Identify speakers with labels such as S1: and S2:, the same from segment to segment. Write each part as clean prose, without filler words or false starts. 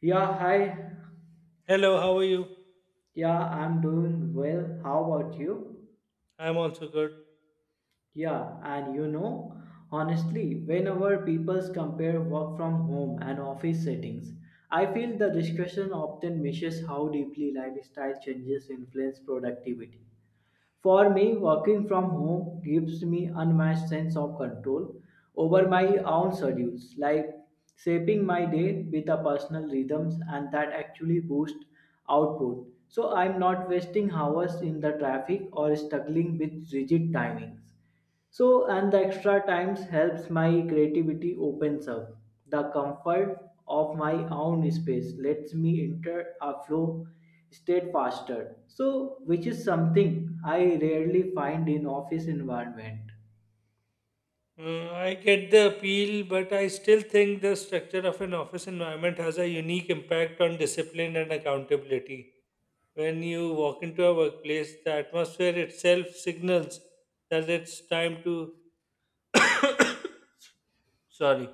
S1: Yeah, hi.
S2: Hello, how are you?
S1: Yeah, I'm doing well. How about you?
S2: I'm also good.
S1: Yeah, and you know, Honestly, whenever people compare work from home and office settings, I feel the discussion often misses how deeply lifestyle changes influence productivity. For me, working from home gives me unmatched sense of control over my own schedules, like shaping my day with a personal rhythms and that actually boosts output. So I'm not wasting hours in the traffic or struggling with rigid timings. And the extra times helps my creativity opens up. The comfort of my own space lets me enter a flow state faster. Which is something I rarely find in office environment.
S2: I get the appeal, but I still think the structure of an office environment has a unique impact on discipline and accountability. When you walk into a workplace, the atmosphere itself signals that it's time to, sorry,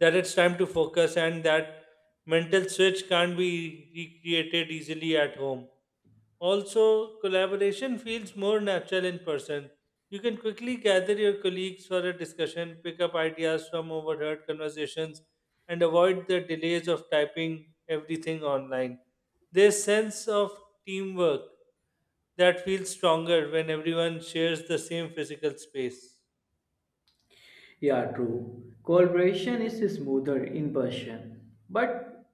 S2: that it's time to focus and that mental switch can't be recreated easily at home. Also, collaboration feels more natural in person. You can quickly gather your colleagues for a discussion, pick up ideas from overheard conversations, and avoid the delays of typing everything online. There's sense of teamwork that feels stronger when everyone shares the same physical space.
S1: Yeah, true. Collaboration is smoother in person, but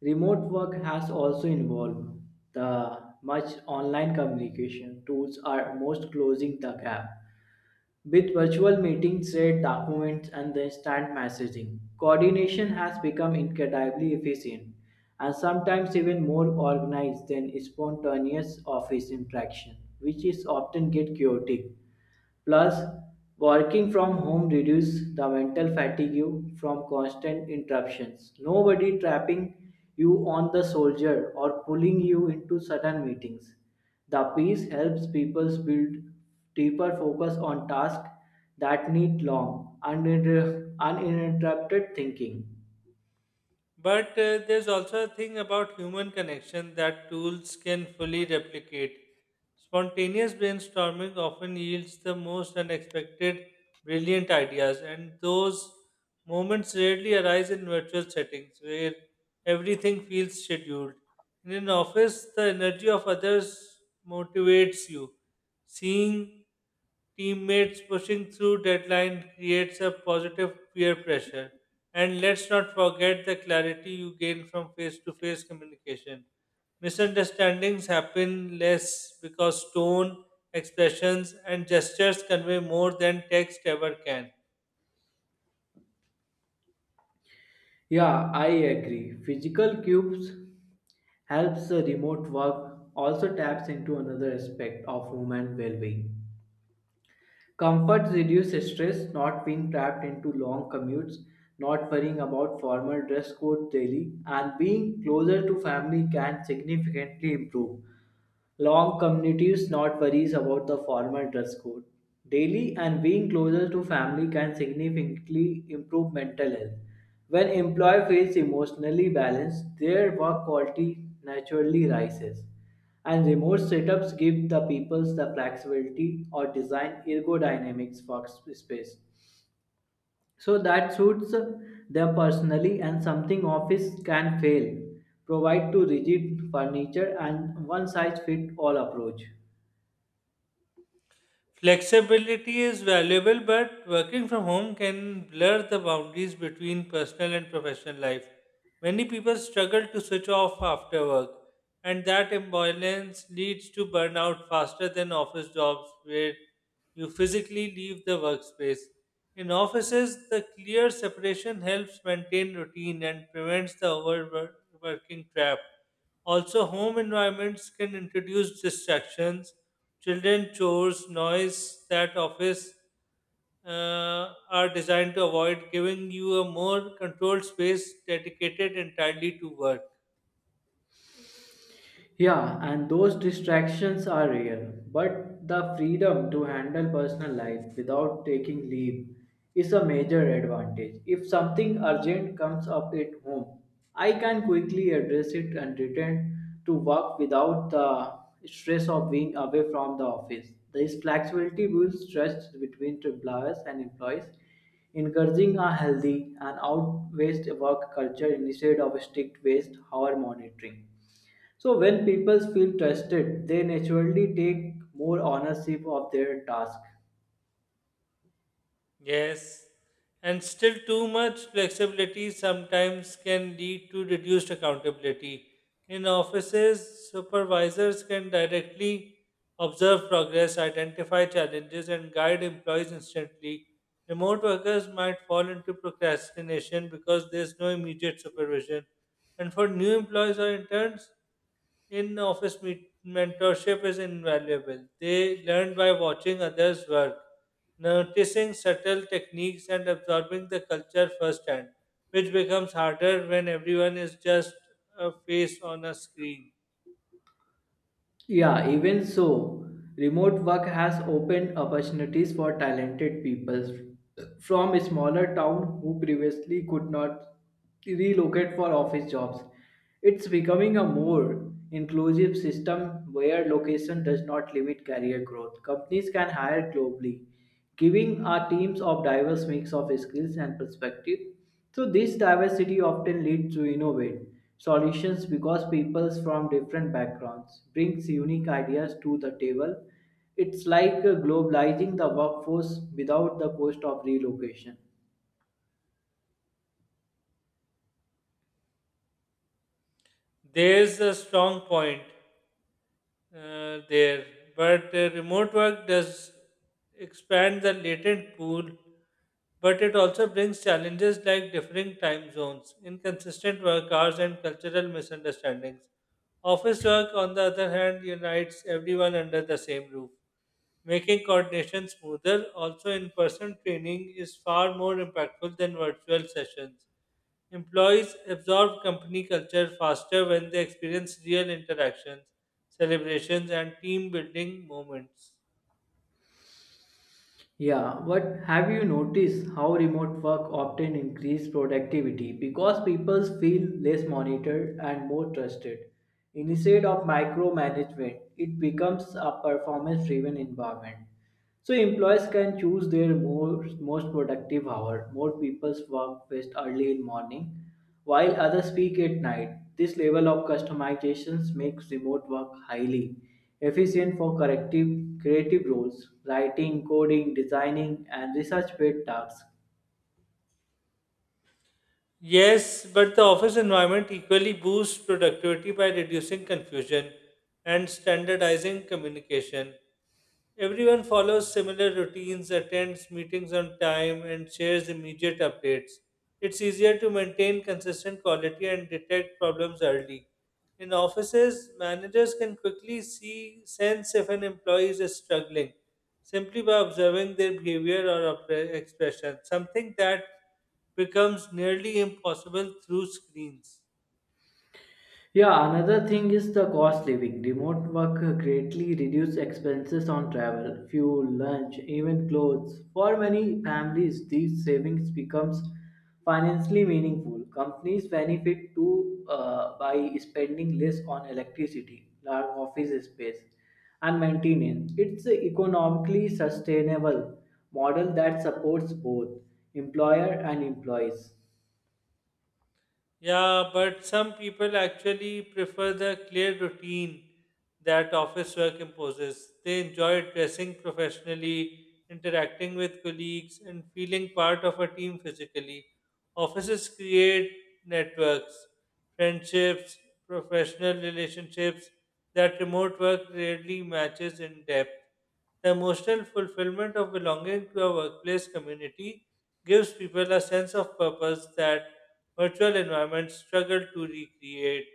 S1: remote work has also involved the much online communication tools are most closing the gap. With virtual meetings, shared documents, and the instant messaging, coordination has become incredibly efficient and sometimes even more organized than spontaneous office interaction, which is often get chaotic. Plus, working from home reduces the mental fatigue from constant interruptions. Nobody trapping you on the soldier or pulling you into sudden meetings. The peace helps people build deeper focus on tasks that need long, uninterrupted thinking.
S2: But there's also a thing about human connection that tools can fully replicate. Spontaneous brainstorming often yields the most unexpected, brilliant ideas, and those moments rarely arise in virtual settings where everything feels scheduled. In an office, the energy of others motivates you. Seeing teammates pushing through deadline creates a positive peer pressure. And let's not forget the clarity you gain from face to face communication. Misunderstandings happen less because tone, expressions, and gestures convey more than text ever can.
S1: Yeah, I agree. Physical cubes helps the remote work also taps into another aspect of human well-being. Comfort reduces stress, not being trapped into long commutes, not worrying about formal dress code daily, and being closer to family can significantly improve long commutes, not worries about the formal dress code. Daily and being closer to family can significantly improve mental health. When employee feels emotionally balanced, their work quality naturally rises. And remote setups give the peoples the flexibility or design ergodynamics workspace so that suits them personally and something office can fail. Provide to rigid furniture and one size fit all approach.
S2: Flexibility is valuable, but working from home can blur the boundaries between personal and professional life. Many people struggle to switch off after work, and that imbalance leads to burnout faster than office jobs where you physically leave the workspace. In offices, the clear separation helps maintain routine and prevents the overworking trap. Also, home environments can introduce distractions: children chores, noise that office are designed to avoid, giving you a more controlled space dedicated entirely to work.
S1: Yeah, and those distractions are real, but the freedom to handle personal life without taking leave is a major advantage. If something urgent comes up at home, I can quickly address it and return to work without the stress of being away from the office. This flexibility builds trust between employers and employees, encouraging a healthy and out-based work culture instead of strict-based hour monitoring. So when people feel trusted, they naturally take more ownership of their task.
S2: Yes, and still too much flexibility sometimes can lead to reduced accountability. In offices, supervisors can directly observe progress, identify challenges, and guide employees instantly. Remote workers might fall into procrastination because there's no immediate supervision. And for new employees or interns, in office mentorship is invaluable. They learn by watching others work, noticing subtle techniques and absorbing the culture firsthand, which becomes harder when everyone is just a face on a screen.
S1: Yeah, even so, remote work has opened opportunities for talented people from a smaller town who previously could not relocate for office jobs. It's becoming a more inclusive system where location does not limit career growth. Companies can hire globally giving our teams of diverse mix of skills and perspective. So this diversity often leads to innovate solutions because people from different backgrounds brings unique ideas to the table. It's like globalizing the workforce without the cost of relocation.
S2: There's a strong point there, but remote work does expand the latent pool, but it also brings challenges like differing time zones, inconsistent work hours, and cultural misunderstandings. Office work, on the other hand, unites everyone under the same roof, making coordination smoother. Also, in person training is far more impactful than virtual sessions. Employees absorb company culture faster when they experience real interactions, celebrations, and team building moments.
S1: Yeah, but have you noticed how remote work often increases productivity because people feel less monitored and more trusted? Instead of micromanagement, it becomes a performance driven environment. So employees can choose their most productive hour. More people's work best early in morning while others speak at night, this level of customizations makes remote work highly efficient for corrective, creative roles, writing, coding, designing, and research-based tasks.
S2: Yes, but the office environment equally boosts productivity by reducing confusion and standardizing communication. Everyone follows similar routines, attends meetings on time, and shares immediate updates. It's easier to maintain consistent quality and detect problems early. In offices, managers can quickly see sense if an employee is struggling simply by observing their behavior or expression, something that becomes nearly impossible through screens.
S1: Yeah, another thing is the cost living. Remote work greatly reduces expenses on travel, fuel, lunch, even clothes. For many families, these savings becomes financially meaningful. Companies benefit too, by spending less on electricity, large office space, and maintenance. It's an economically sustainable model that supports both employer and employees.
S2: Yeah, but some people actually prefer the clear routine that office work imposes. They enjoy dressing professionally, interacting with colleagues, and feeling part of a team physically. Offices create networks, friendships, professional relationships that remote work rarely matches in depth. The emotional fulfillment of belonging to a workplace community gives people a sense of purpose that virtual environments struggle to recreate.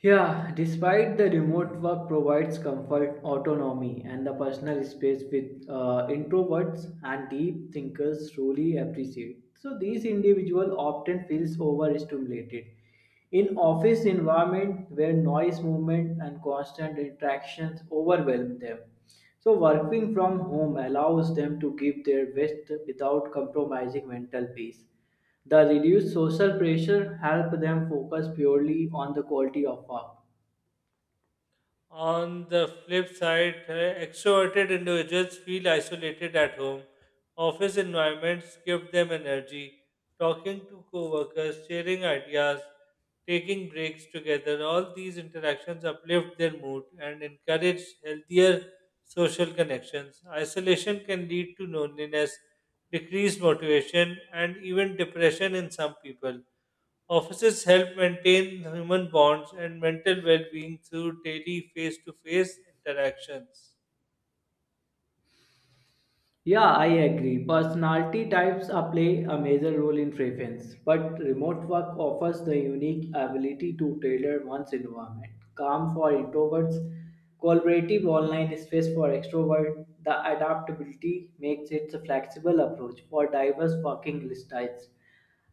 S1: Yeah, despite the remote work provides comfort, autonomy, and the personal space with introverts and deep thinkers truly appreciate. So these individual often feels overstimulated. In office environment where noise, movement, and constant interactions overwhelm them. So working from home allows them to give their best without compromising mental peace. The reduced social pressure helped them focus purely on the quality of work.
S2: On the flip side, extroverted individuals feel isolated at home. Office environments give them energy. Talking to coworkers, sharing ideas, taking breaks together, all these interactions uplift their mood and encourage healthier social connections. Isolation can lead to loneliness, decreased motivation, and even depression in some people. Offices help maintain human bonds and mental well being through daily face to face interactions.
S1: Yeah, I agree. Personality types are play a major role in preference, but remote work offers the unique ability to tailor one's environment. Calm for introverts, collaborative online space for extroverts. The adaptability makes it a flexible approach for diverse working styles.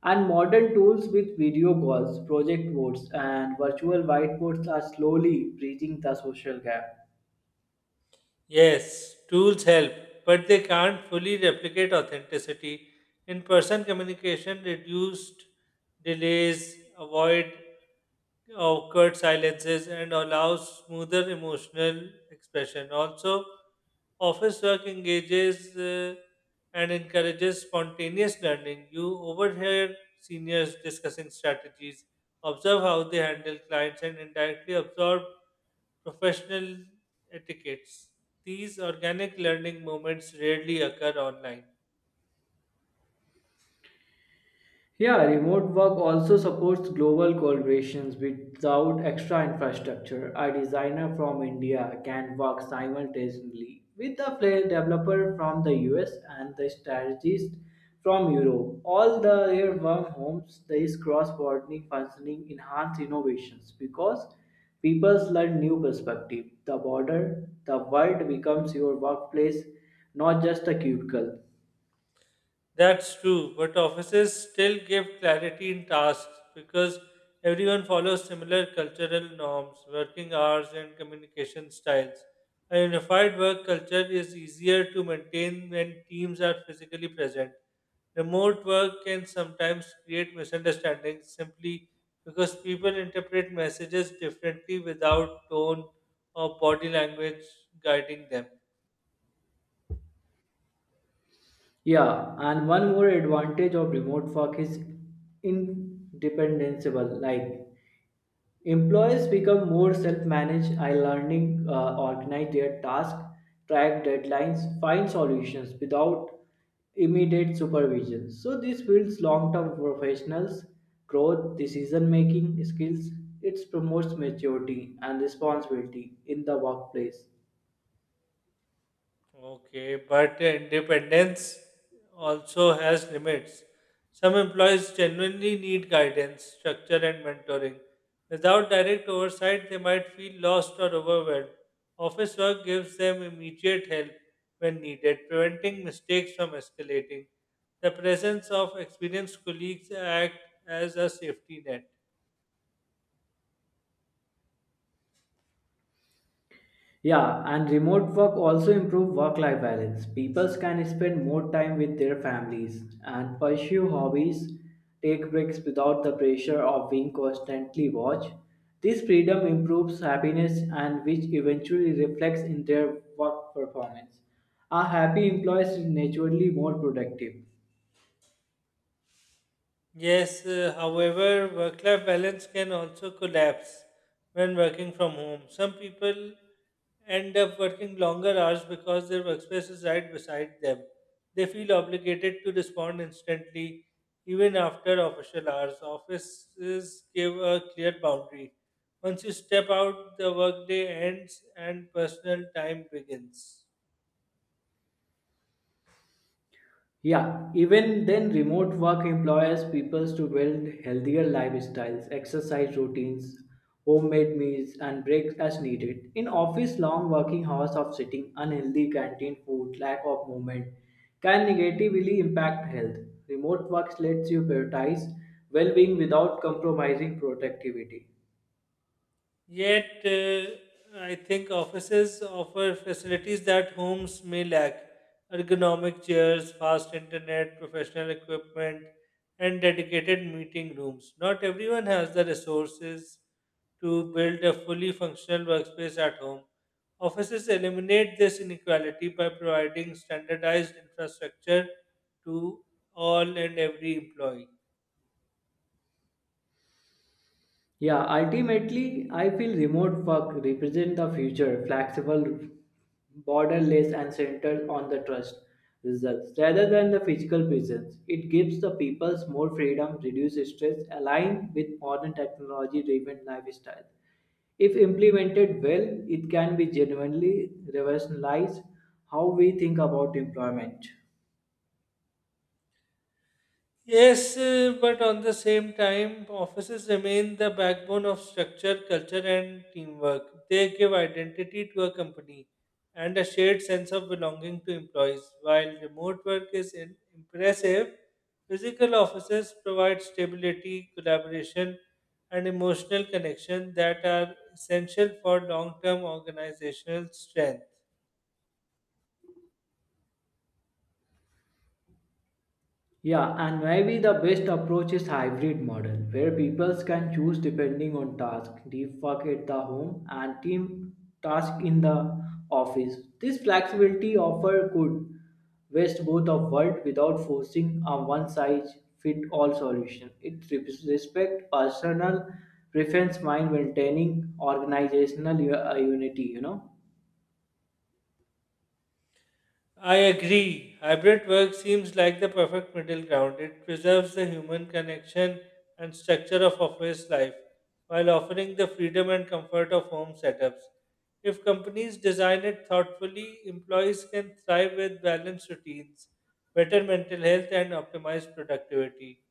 S1: And modern tools with video calls, project boards, and virtual whiteboards are slowly bridging the social gap.
S2: Yes, tools help, but they can't fully replicate authenticity. In person communication, reduced delays, avoid awkward silences, and allows smoother emotional expression. Also, office work engages and encourages spontaneous learning. You overhear seniors discussing strategies, observe how they handle clients, and indirectly absorb professional etiquettes. These organic learning moments rarely occur online.
S1: Yeah, remote work also supports global collaborations without extra infrastructure. A designer from India can work simultaneously with a player developer from the US and the strategist from Europe. All the their work homes, this cross-border functioning enhance innovations because people learn new perspective. The border, the world becomes your workplace, not just a cubicle.
S2: That's true, but offices still give clarity in tasks because everyone follows similar cultural norms, working hours, and communication styles. A unified work culture is easier to maintain when teams are physically present. Remote work can sometimes create misunderstandings simply because people interpret messages differently without tone or body language guiding them.
S1: Yeah, and one more advantage of remote work is independenceable. Like employees become more self-managed, organize their tasks, track deadlines, find solutions without immediate supervision. So this builds long-term professionals, growth, decision-making skills. It promotes maturity and responsibility in the workplace.
S2: Okay, but independence also has limits. Some employees genuinely need guidance, structure, and mentoring. Without direct oversight, they might feel lost or overwhelmed. Office work gives them immediate help when needed, preventing mistakes from escalating. The presence of experienced colleagues act as a safety net.
S1: Yeah, and remote work also improve work-life balance. People can spend more time with their families and pursue hobbies, take breaks without the pressure of being constantly watched. This freedom improves happiness and which eventually reflects in their work performance. A happy employee is naturally more productive.
S2: Yes, however, work life balance can also collapse when working from home. Some people end up working longer hours because their workspace is right beside them. They feel obligated to respond instantly even after official hours. Offices give a clear boundary. Once you step out, the workday ends and personal time begins.
S1: Yeah, even then, remote work empowers people to build healthier lifestyles, exercise routines, homemade meals, and breaks as needed. In office, long working hours of sitting, unhealthy canteen food, lack of movement can negatively impact health. Remote work lets you prioritize well being without compromising productivity.
S2: Yet, I think offices offer facilities that homes may lack: ergonomic chairs, fast internet, professional equipment, and dedicated meeting rooms. Not everyone has the resources to build a fully functional workspace at home. Offices eliminate this inequality by providing standardized infrastructure to all and every employee.
S1: Yeah, ultimately, I feel remote work represent the future, flexible, borderless, and centered on the trust results rather than the physical presence. It gives the peoples more freedom, reduce stress, aligned with modern technology-driven lifestyle. If implemented well, it can be genuinely revolutionize how we think about employment.
S2: Yes, but on the same time, offices remain the backbone of structure, culture, and teamwork. They give identity to a company and a shared sense of belonging to employees. While remote work is impressive, physical offices provide stability, collaboration, and emotional connection that are essential for long term organizational strength.
S1: Yeah, and maybe the best approach is hybrid model where people can choose depending on task, deep work at the home and team task in the office. This flexibility offer could waste both of world without forcing a one size fit all solution. It respect personal preference while maintaining organizational unity, you know.
S2: I agree. Hybrid work seems like the perfect middle ground. It preserves the human connection and structure of office life while offering the freedom and comfort of home setups. If companies design it thoughtfully, employees can thrive with balanced routines, better mental health, and optimized productivity.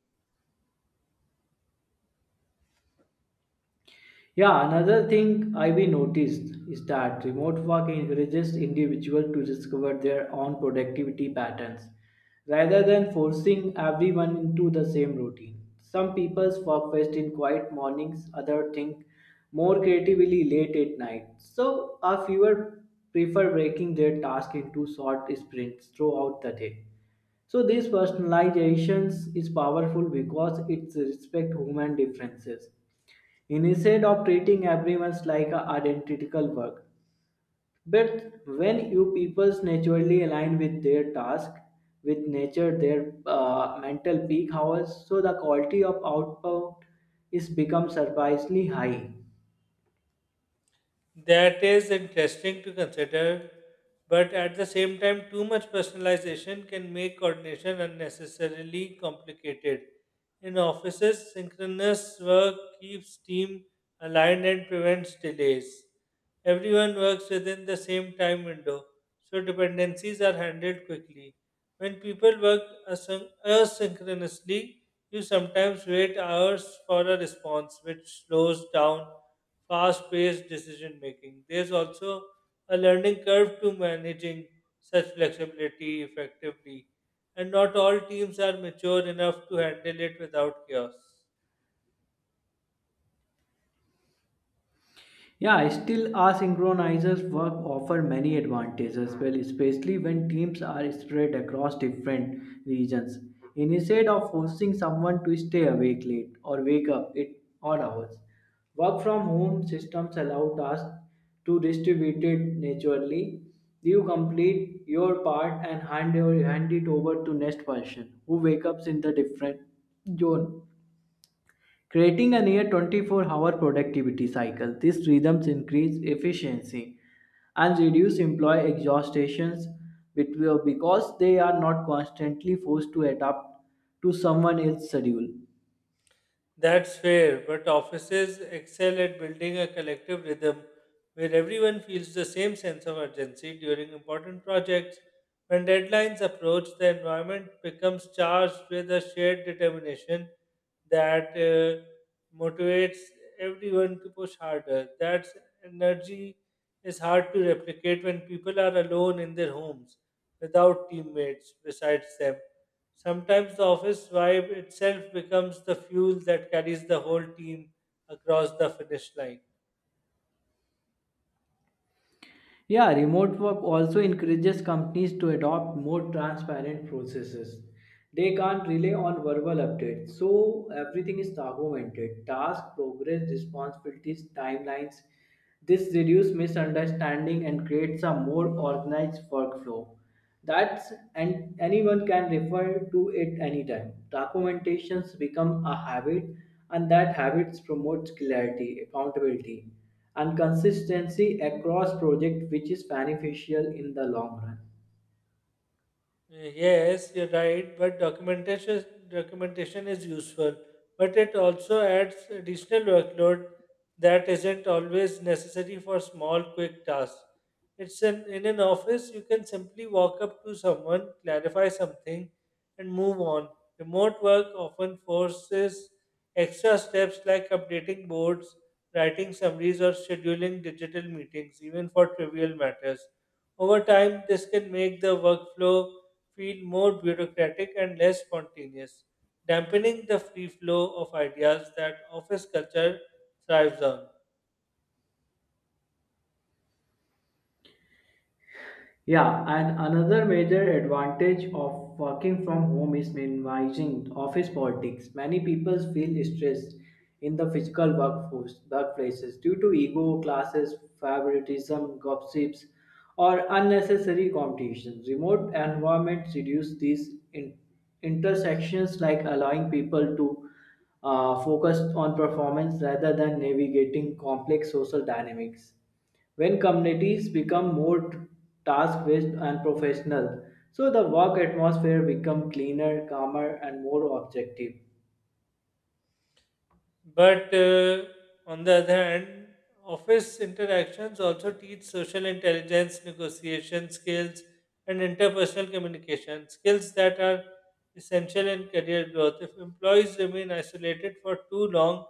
S1: Yeah, another thing I've noticed is that remote work encourages individuals to discover their own productivity patterns rather than forcing everyone into the same routine. Some people work best in quiet mornings, others think more creatively late at night. So, a fewer prefer breaking their task into short sprints throughout the day. So this personalizations is powerful because it respects human differences instead of treating everyone like a identical work. But when you peoples naturally align with their task, with nature, their mental peak hours, so the quality of output is become surprisingly high.
S2: That is interesting to consider, but at the same time, too much personalization can make coordination unnecessarily complicated. In offices, synchronous work keeps team aligned and prevents delays. Everyone works within the same time window, so dependencies are handled quickly. When people work asynchronously, you sometimes wait hours for a response, which slows down fast paced decision making. There's also a learning curve to managing such flexibility effectively, and not all teams are mature enough to handle it without chaos.
S1: Yeah, still asynchronizers work offer many advantages, well, especially when teams are spread across different regions. Instead of forcing someone to stay awake late or wake up it odd hours, work from home systems allow tasks to distribute it naturally. You complete your part and hand it over to next person who wakes up in the different zone creating a near 24-hour productivity cycle. These rhythms increase efficiency and reduce employee exhaustions because they are not constantly forced to adapt to someone else's schedule.
S2: That's fair, but offices excel at building a collective rhythm where everyone feels the same sense of urgency during important projects. When deadlines approach, the environment becomes charged with a shared determination that motivates everyone to push harder. That energy is hard to replicate when people are alone in their homes without teammates besides them. Sometimes the office vibe itself becomes the fuel that carries the whole team across the finish line.
S1: Yeah, remote work also encourages companies to adopt more transparent processes. They can't rely on verbal updates, so everything is documented task, progress, responsibilities, timelines. This reduces misunderstanding and creates a more organized workflow. That's and anyone can refer to it anytime. Documentations become a habit, and that habits promotes clarity, accountability, and consistency across project, which is beneficial in the long run.
S2: Yes, you're right, but documentation is useful, but it also adds additional workload that isn't always necessary for small, quick tasks. In an office, you can simply walk up to someone, clarify something, and move on. Remote work often forces extra steps like updating boards, writing summaries, or scheduling digital meetings, even for trivial matters. Over time, this can make the workflow feel more bureaucratic and less spontaneous, dampening the free flow of ideas that office culture thrives on.
S1: Yeah, and another major advantage of working from home is minimizing office politics. Many people feel stressed in the workplaces due to ego, classes, favoritism, gossips, or unnecessary competitions. Remote environments reduce these intersections, like allowing people to focus on performance rather than navigating complex social dynamics when communities become more task based and professional, so the work atmosphere become cleaner, calmer, and more objective.
S2: But on the other hand, office interactions also teach social intelligence, negotiation skills, and interpersonal communication skills that are essential in career growth. If employees remain isolated for too long,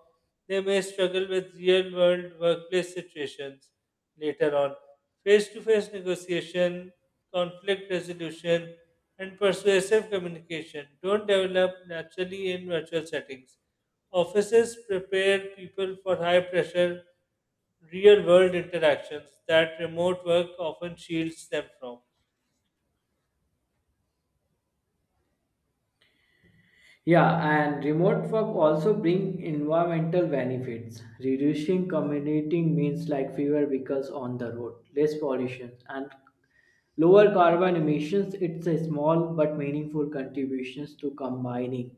S2: they may struggle with real world workplace situations later on. Face to face negotiation, conflict resolution, and persuasive communication don't develop naturally in virtual settings. Offices prepare people for high pressure, real world interactions that remote work often shields them from.
S1: Yeah, and remote work also bring environmental benefits, reducing commuting means like fewer vehicles on the road, less pollution, and lower carbon emissions. It's a small but meaningful contributions to combining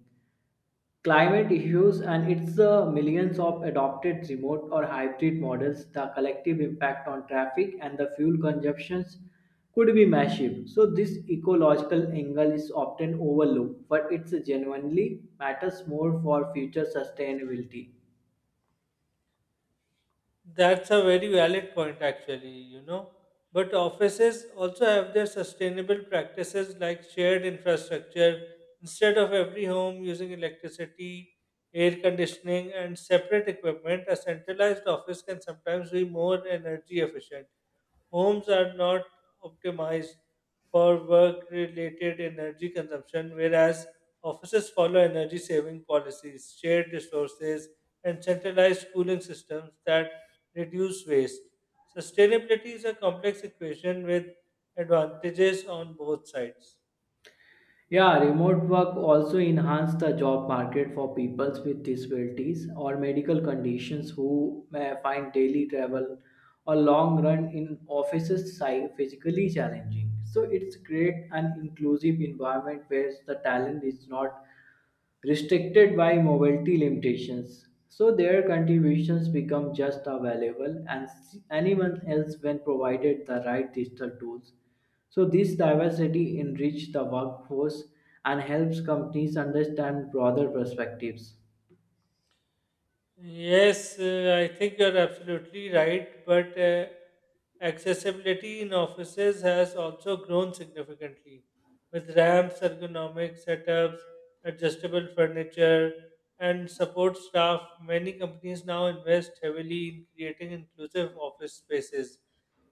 S1: climate issues, and its the millions of adopted remote or hybrid models, the collective impact on traffic and the fuel consumptions could be massive. So this ecological angle is often overlooked, but it genuinely matters more for future sustainability.
S2: That's a very valid point, actually, you know. But offices also have their sustainable practices like shared infrastructure. Instead of every home using electricity, air conditioning, and separate equipment, a centralized office can sometimes be more energy efficient. Homes are not optimized for work related energy consumption, whereas offices follow energy saving policies, shared resources, and centralized cooling systems that reduce waste. Sustainability is a complex equation with advantages on both sides.
S1: Yeah, remote work also enhanced the job market for people with disabilities or medical conditions who may find daily travel or long run in offices physically challenging. So it's create an inclusive environment where the talent is not restricted by mobility limitations. So their contributions become just available and anyone else when provided the right digital tools. So this diversity enriches the workforce and helps companies understand broader perspectives.
S2: Yes, I think you're absolutely right, but accessibility in offices has also grown significantly with ramps, ergonomic setups, adjustable furniture, and support staff. Many companies now invest heavily in creating inclusive office spaces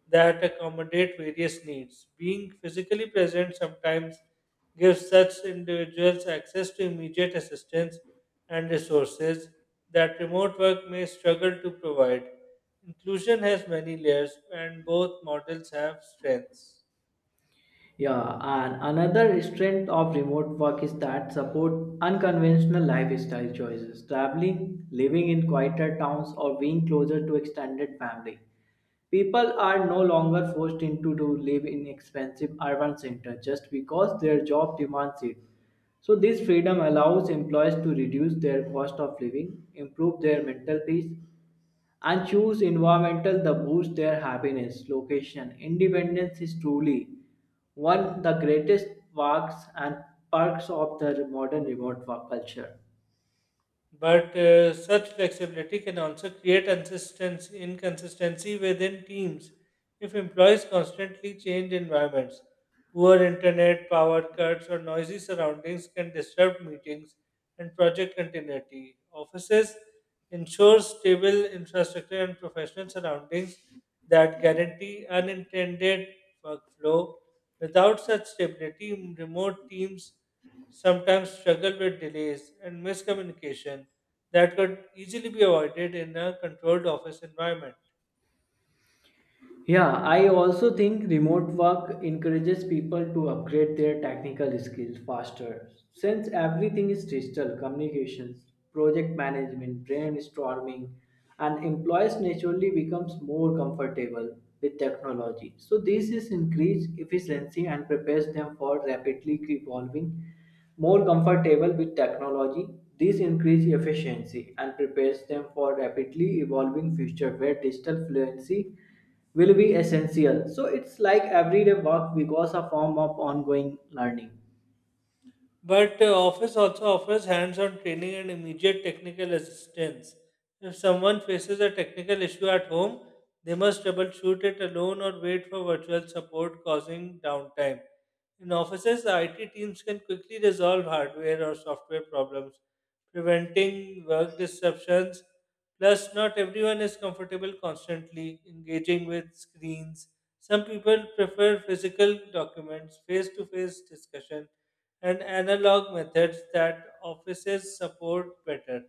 S2: that accommodate various needs. Being physically present sometimes gives such individuals access to immediate assistance and resources that remote work may struggle to provide. Inclusion has many layers, and both models have strengths.
S1: Yeah, and another strength of remote work is that support unconventional lifestyle choices. Traveling, living in quieter towns, or being closer to extended family. People are no longer forced into to live in expensive urban centers just because their job demands it. So this freedom allows employees to reduce their cost of living, improve their mental peace, and choose environmental that boost their happiness location independence is truly one of the greatest perks and perks of the modern remote work culture.
S2: But such flexibility can also create inconsistency within teams if employees constantly change environments. Poor internet, power cuts, or noisy surroundings can disrupt meetings and project continuity. Offices ensure stable infrastructure and professional surroundings that guarantee unintended workflow. Without such stability, remote teams sometimes struggle with delays and miscommunication that could easily be avoided in a controlled office environment.
S1: Yeah, I also think remote work encourages people to upgrade their technical skills faster. Since everything is digital, communications, project management, brainstorming, and employees naturally becomes more comfortable with technology. So this is increased efficiency and prepares them for rapidly evolving, more comfortable with technology. This increased efficiency and prepares them for rapidly evolving future where digital fluency will be essential. So it's like everyday work because a form of ongoing learning.
S2: But office also offers hands-on training and immediate technical assistance. If someone faces a technical issue at home, they must troubleshoot it alone or wait for virtual support causing downtime. In offices, the IT teams can quickly resolve hardware or software problems, preventing work disruptions. Plus, not everyone is comfortable constantly engaging with screens. Some people prefer physical documents, face to face discussion, and analog methods that offices support better.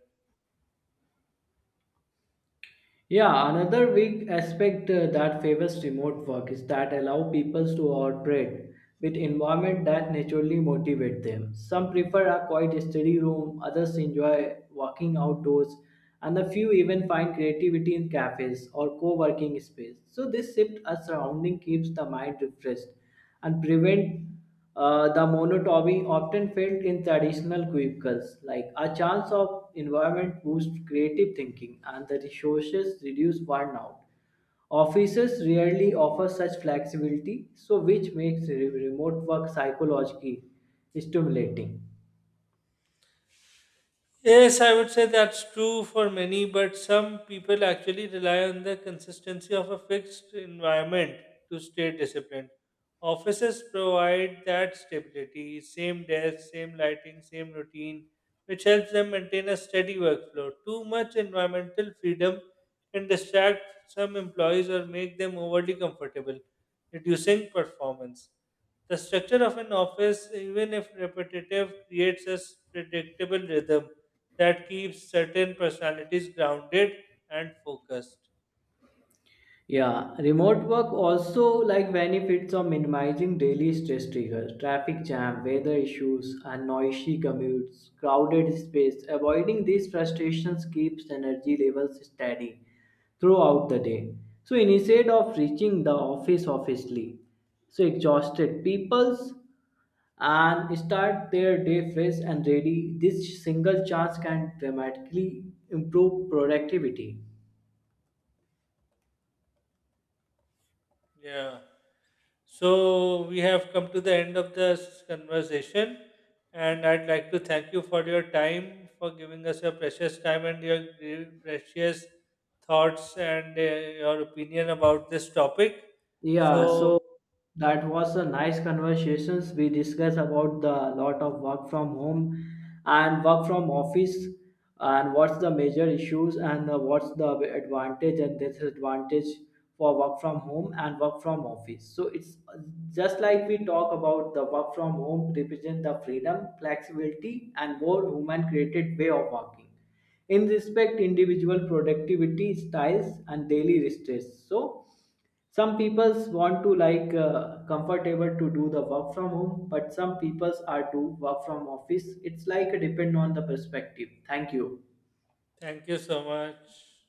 S1: Yeah, another big aspect that favors remote work is that allow people to operate with environment that naturally motivate them. Some prefer a quiet study room, others enjoy walking outdoors, and a few even find creativity in cafes or co-working space. So this shift as surrounding keeps the mind refreshed and prevent the monotony often felt in traditional cubicles, like a chance of environment boosts creative thinking and the resources reduce burnout. Offices rarely offer such flexibility, so which makes remote work psychologically stimulating.
S2: Yes, I would say that's true for many, but some people actually rely on the consistency of a fixed environment to stay disciplined. Offices provide that stability, same desk, same lighting, same routine, which helps them maintain a steady workflow. Too much environmental freedom can distract some employees or make them overly comfortable, reducing performance. The structure of an office, even if repetitive, creates a predictable rhythm that keeps certain personalities grounded and focused.
S1: Yeah, remote work also like benefits of minimizing daily stress triggers, traffic jam, weather issues, and noisy commutes, crowded space. Avoiding these frustrations keeps energy levels steady throughout the day. So instead of reaching the office obviously, so exhausted people's and start their day fresh and ready, this single chance can dramatically improve productivity.
S2: Yeah. So we have come to the end of this conversation, and I'd like to thank you for your time, for giving us your precious time and your precious thoughts and your opinion about this topic.
S1: Yeah,
S2: So
S1: so that was a nice conversations. We discussed about the lot of work from home and work from office and what's the major issues and what's the advantage and disadvantage for work from home and work from office. So it's just like we talk about the work from home represent the freedom, flexibility and more human created way of working in respect individual productivity styles and daily stress so some people want to like comfortable to do the work from home but some people are to work from office it's like a depend on the perspective thank you
S2: thank you so much.